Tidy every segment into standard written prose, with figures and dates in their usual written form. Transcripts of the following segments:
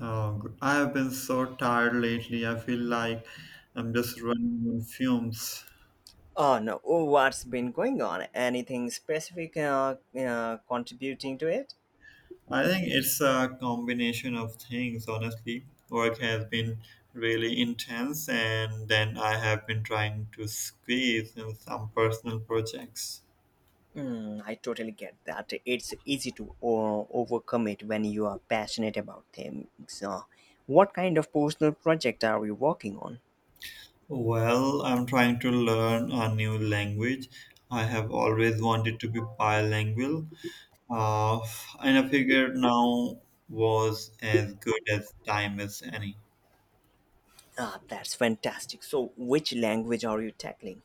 Oh, I have been so tired lately. I feel like I'm just running on fumes. Oh no, oh, what's been going on? Anything specific contributing to it? I think it's a combination of things, honestly. Work has been really intense, and then I have been trying to squeeze in some personal projects. I totally get that. It's easy to overcome it when you are passionate about things. What kind of personal project are you working on? Well, I'm trying to learn a new language. I have always wanted to be bilingual, uh, and I figured now was as good as time as any. Ah, that's fantastic. So, which language are you tackling?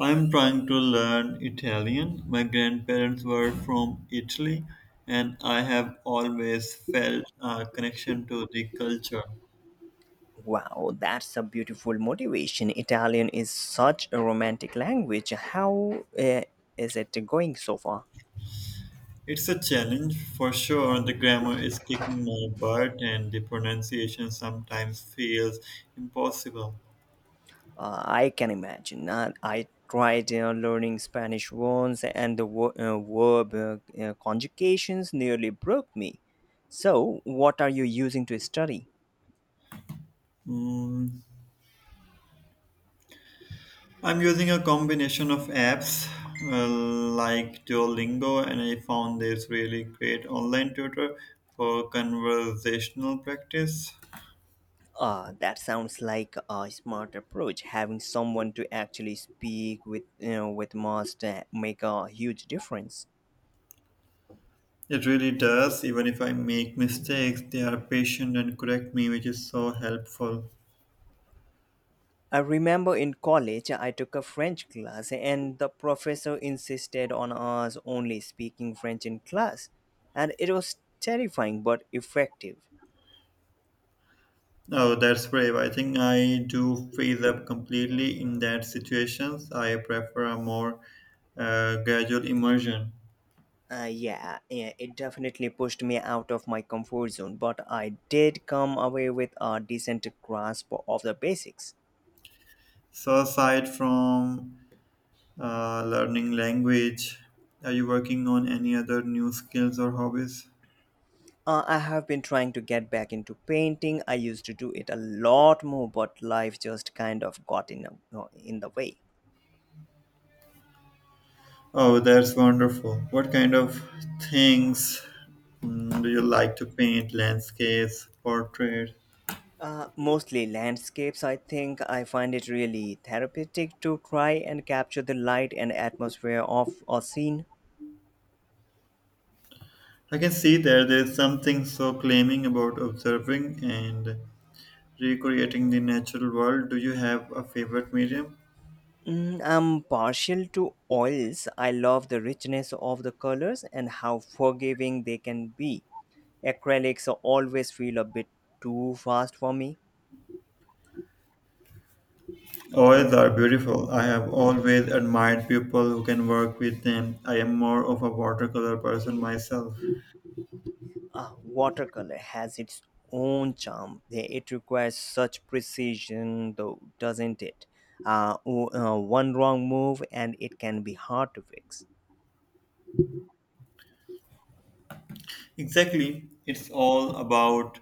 I'm trying to learn Italian. My grandparents were from Italy, and I have always felt a connection to the culture. Wow, that's a beautiful motivation. Italian is such a romantic language. How is it going so far? It's a challenge for sure. The grammar is kicking my butt, and the pronunciation sometimes feels impossible. I can imagine. I tried learning Spanish once, and the verb conjugations nearly broke me. So, what are you using to study? Mm, I'm using a combination of apps uh, like Duolingo, and I found this really great online tutor for conversational practice. That sounds like a smart approach. Having someone to actually speak with must make a huge difference. It really does. Even if I make mistakes, they are patient and correct me, which is so helpful. I remember in college I took a French class and the professor insisted on us only speaking French in class, and it was terrifying but effective. Oh, that's brave. I think I do freeze up completely in that situations. I prefer a more gradual immersion. Yeah, yeah, it definitely pushed me out of my comfort zone, but I did come away with a decent grasp of the basics. So aside from learning language, are you working on any other new skills or hobbies? I have been trying to get back into painting. I used to do it a lot more, but life just kind of got in the way. Oh, that's wonderful. What kind of things do you like to paint? Landscapes, portraits? Mostly landscapes, I think. I find it really therapeutic to try and capture the light and atmosphere of a scene. I can see there is something so claiming about observing and recreating the natural world. Do you have a favorite medium? I'm partial to oils. I love the richness of the colors and how forgiving they can be. Acrylics always feel a bit too fast for me. Oils are beautiful. I have always admired people who can work with them. I am more of a watercolor person myself. Ah, watercolor has its own charm. It requires such precision, though, doesn't it? One wrong move and it can be hard to fix. Exactly. It's all about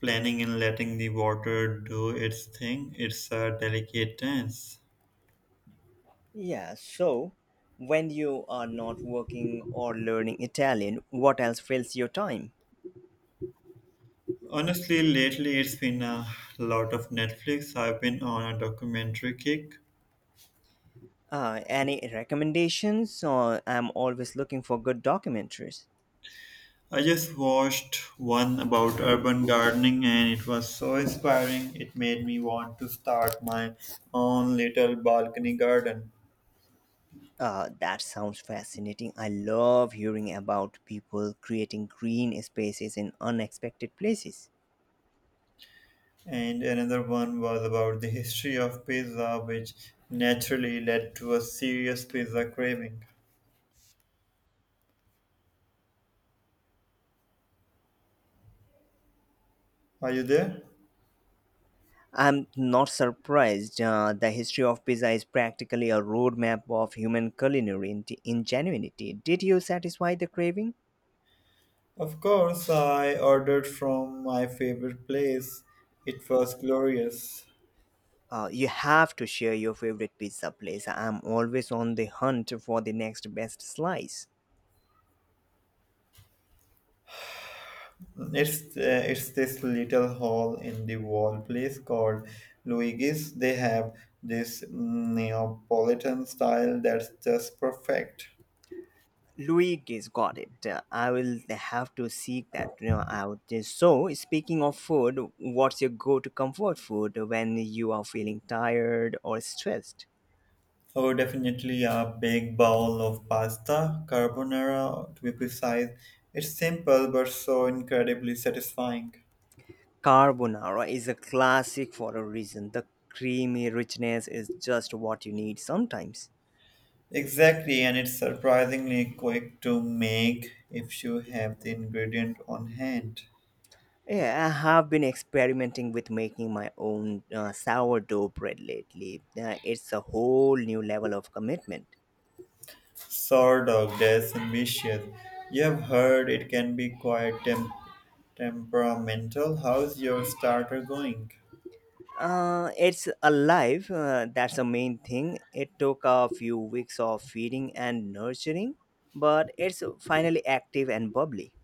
planning and letting the water do its thing. It's a delicate dance. Yeah, so when you are not working or learning Italian, what else fills your time? Honestly, lately it's been a lot of Netflix. I've been on a documentary kick. Any recommendations? Or I'm always looking for good documentaries. I just watched one about urban gardening and it was so inspiring. It made me want to start my own little balcony garden. That sounds fascinating. I love hearing about people creating green spaces in unexpected places. And another one was about the history of pizza, which naturally led to a serious pizza craving. Are you there? I'm not surprised. The history of Pisa is practically a roadmap of human culinary ingenuity. Did you satisfy the craving? Of course, I ordered from my favorite place. It was glorious. You have to share your favorite pizza place. I'm always on the hunt for the next best slice. It's this little hole in the wall place called Luigi's. They have this Neapolitan style that's just perfect. Luigi's, got it. I will have to seek that out. So, speaking of food, what's your go to comfort food when you are feeling tired or stressed? Oh, definitely a big bowl of pasta, carbonara to be precise. It's simple but so incredibly satisfying. Carbonara is a classic for a reason. The creamy richness is just what you need sometimes. Exactly, and it's surprisingly quick to make if you have the ingredient on hand. Yeah, I have been experimenting with making my own sourdough bread lately. It's a whole new level of commitment. Sort of death and mischief. You have heard it can be quite temperamental. How's your starter going? It's alive, that's the main thing. It took a few weeks of feeding and nurturing, but it's finally active and bubbly.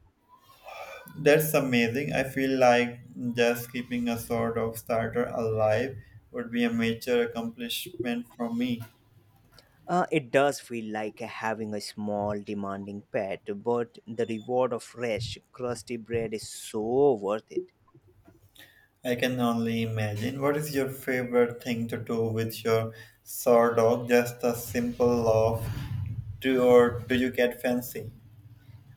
That's amazing. I feel like just keeping a sort of starter alive would be a major accomplishment for me. It does feel like having a small, demanding pet, but the reward of fresh, crusty bread is so worth it. I can only imagine. What is your favorite thing to do with your sour dog? Just a simple love, do or do you get fancy?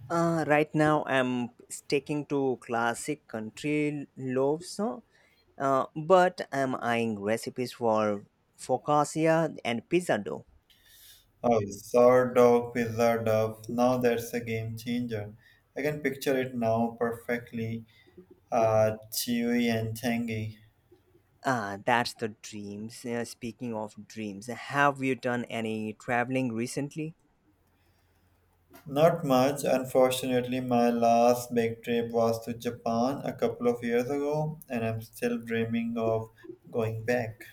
Right now, I'm sticking to classic country loaves, no? But I'm eyeing recipes for focaccia and pizza dough. Oh, sour dog, pizza dove. Now that's a game changer. I can picture it now perfectly, chewy and tangy. Ah, that's the dreams. Speaking of dreams, have you done any traveling recently? Not much. Unfortunately, my last big trip was to Japan a couple of years ago, and I'm still dreaming of going back.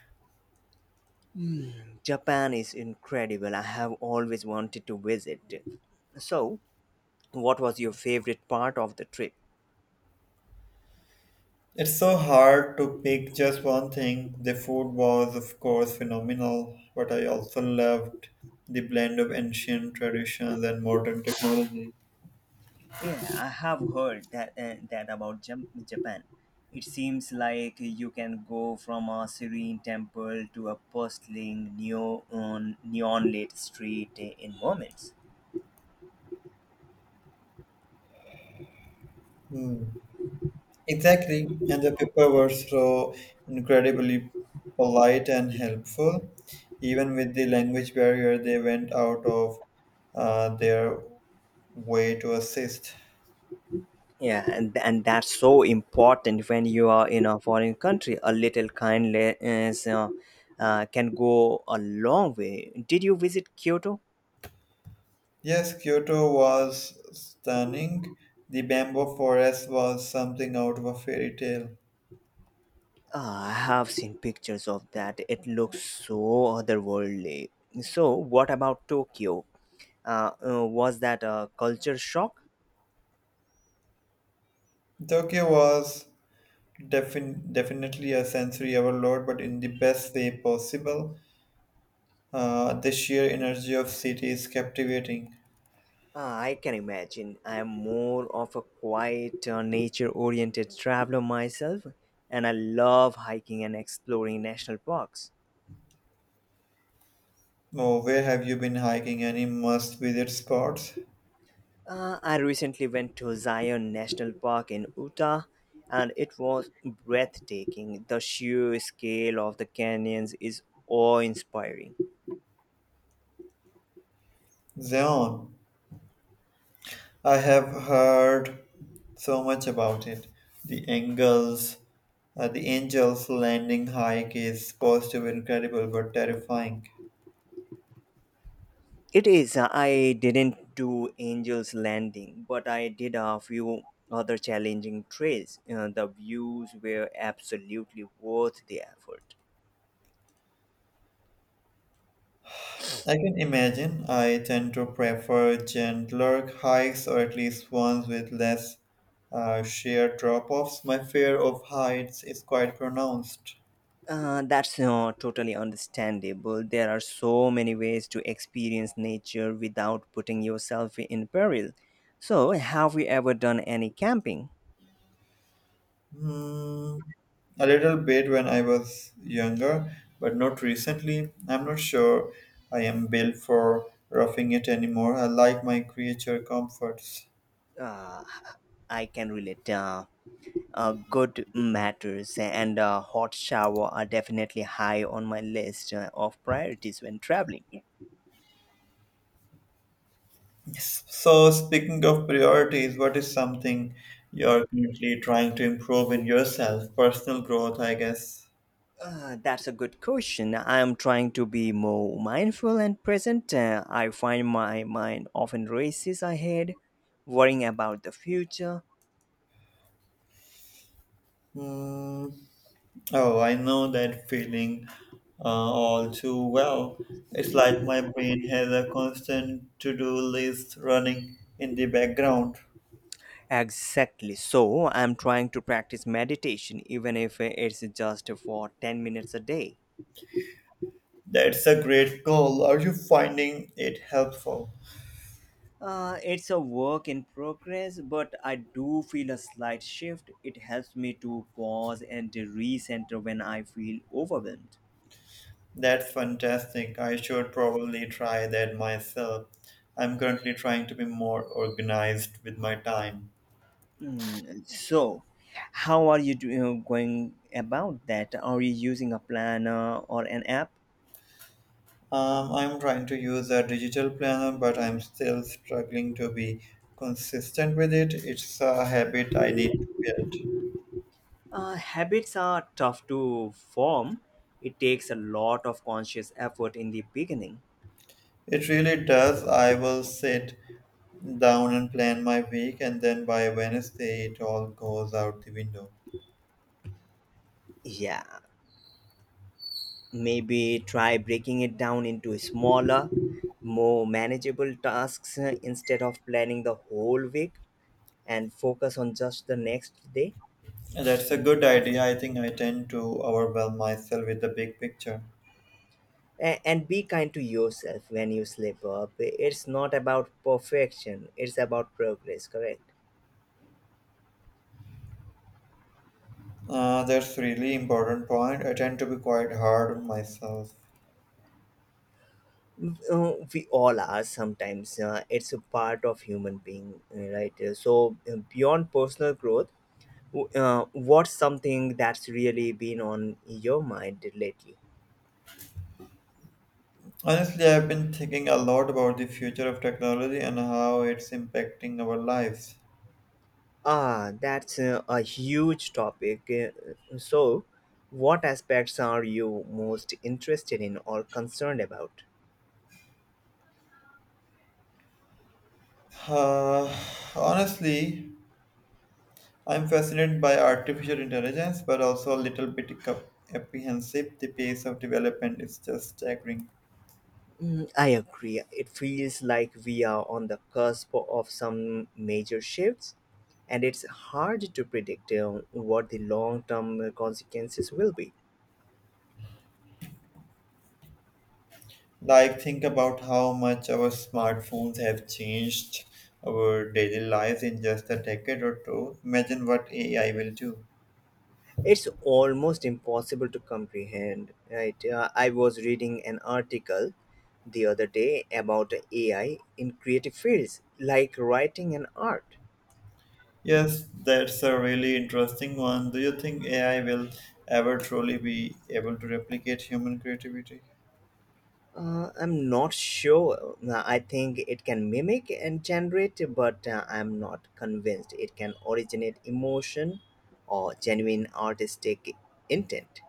Japan is incredible. I have always wanted to visit. So, what was your favorite part of the trip? It's so hard to pick just one thing. The food was, of course, phenomenal, but I also loved the blend of ancient traditions and modern technology. Yeah, I have heard that about Japan. It seems like you can go from a serene temple to a bustling neon lit street in moments. Hmm. Exactly, and the people were so incredibly polite and helpful. Even with the language barrier, they went out of their way to assist. Yeah, and that's so important when you are in a foreign country. A little kindness can go a long way. Did you visit Kyoto? Yes, Kyoto was stunning. The bamboo forest was something out of a fairy tale. Ah, I have seen pictures of that. It looks so otherworldly. So, what about Tokyo? Was that a culture shock? Tokyo was definitely a sensory overload, but in the best way possible. The sheer energy of city is captivating. I can imagine. I am more of a quiet, nature oriented traveler myself, and I love hiking and exploring national parks. Oh, where have you been hiking? Any must visit spots? I recently went to Zion National Park in Utah, and it was breathtaking. The sheer scale of the canyons is awe inspiring. Zion. I have heard so much about it. The Angels, the Angels Landing hike is supposed to be incredible but terrifying. It is. I didn't do Angel's Landing, but I did a few other challenging trails. The views were absolutely worth the effort. I can imagine I tend to prefer gentler hikes or at least ones with less sheer drop offs. My fear of heights is quite pronounced. That's totally understandable. There are so many ways to experience nature without putting yourself in peril. So, have you ever done any camping? Hmm, a little bit when I was younger, but not recently. I'm not sure I am built for roughing it anymore. I like my creature comforts. Uh, I can relate. Good matters and a hot shower are definitely high on my list of priorities when traveling. Yes. So, speaking of priorities, what is something you're currently trying to improve in yourself? Personal growth, I guess. That's a good question. I am trying to be more mindful and present. I find my mind often races ahead, worrying about the future. Hmm. Oh, I know that feeling all too well. It's like my brain has a constant to do list running in the background. Exactly. So, I'm trying to practice meditation, even if it's just for 10 minutes a day. That's a great goal. Are you finding it helpful? It's a work in progress, but I do feel a slight shift. It helps me to pause and to recenter when I feel overwhelmed. That's fantastic. I should probably try that myself. I'm currently trying to be more organized with my time. So, how are you doing, going about that? Are you using a planner or an app? I'm trying to use a digital planner, but I'm still struggling to be consistent with it. It's a habit I need to build. Habits are tough to form. It takes a lot of conscious effort in the beginning. It really does. I will sit down and plan my week, and then by Wednesday, it all goes out the window. Yeah, maybe try breaking it down into smaller, more manageable tasks instead of planning the whole week and focus on just the next day. That's a good idea. I think I tend to overwhelm myself with the big picture. And be kind to yourself when you slip up. It's not about perfection, it's about progress, correct? That's really important point. I tend to be quite hard on myself. We all are sometimes, it's a part of human being, right? So beyond personal growth, what's something that's really been on your mind lately? Honestly, I've been thinking a lot about the future of technology and how it's impacting our lives. Ah, that's a huge topic. So, what aspects are you most interested in or concerned about? Uh, honestly, I'm fascinated by artificial intelligence, but also a little bit apprehensive. The pace of development is just staggering. I agree. It feels like we are on the cusp of some major shifts, and it's hard to predict what the long term consequences will be. Like, think about how much our smartphones have changed our daily lives in just a decade or two. Imagine what AI will do. It's almost impossible to comprehend, right? I was reading an article the other day about AI in creative fields like writing and art. Yes, that's a really interesting one. Do you think AI will ever truly be able to replicate human creativity? I'm not sure. I think it can mimic and generate, but I'm not convinced it can originate emotion or genuine artistic intent.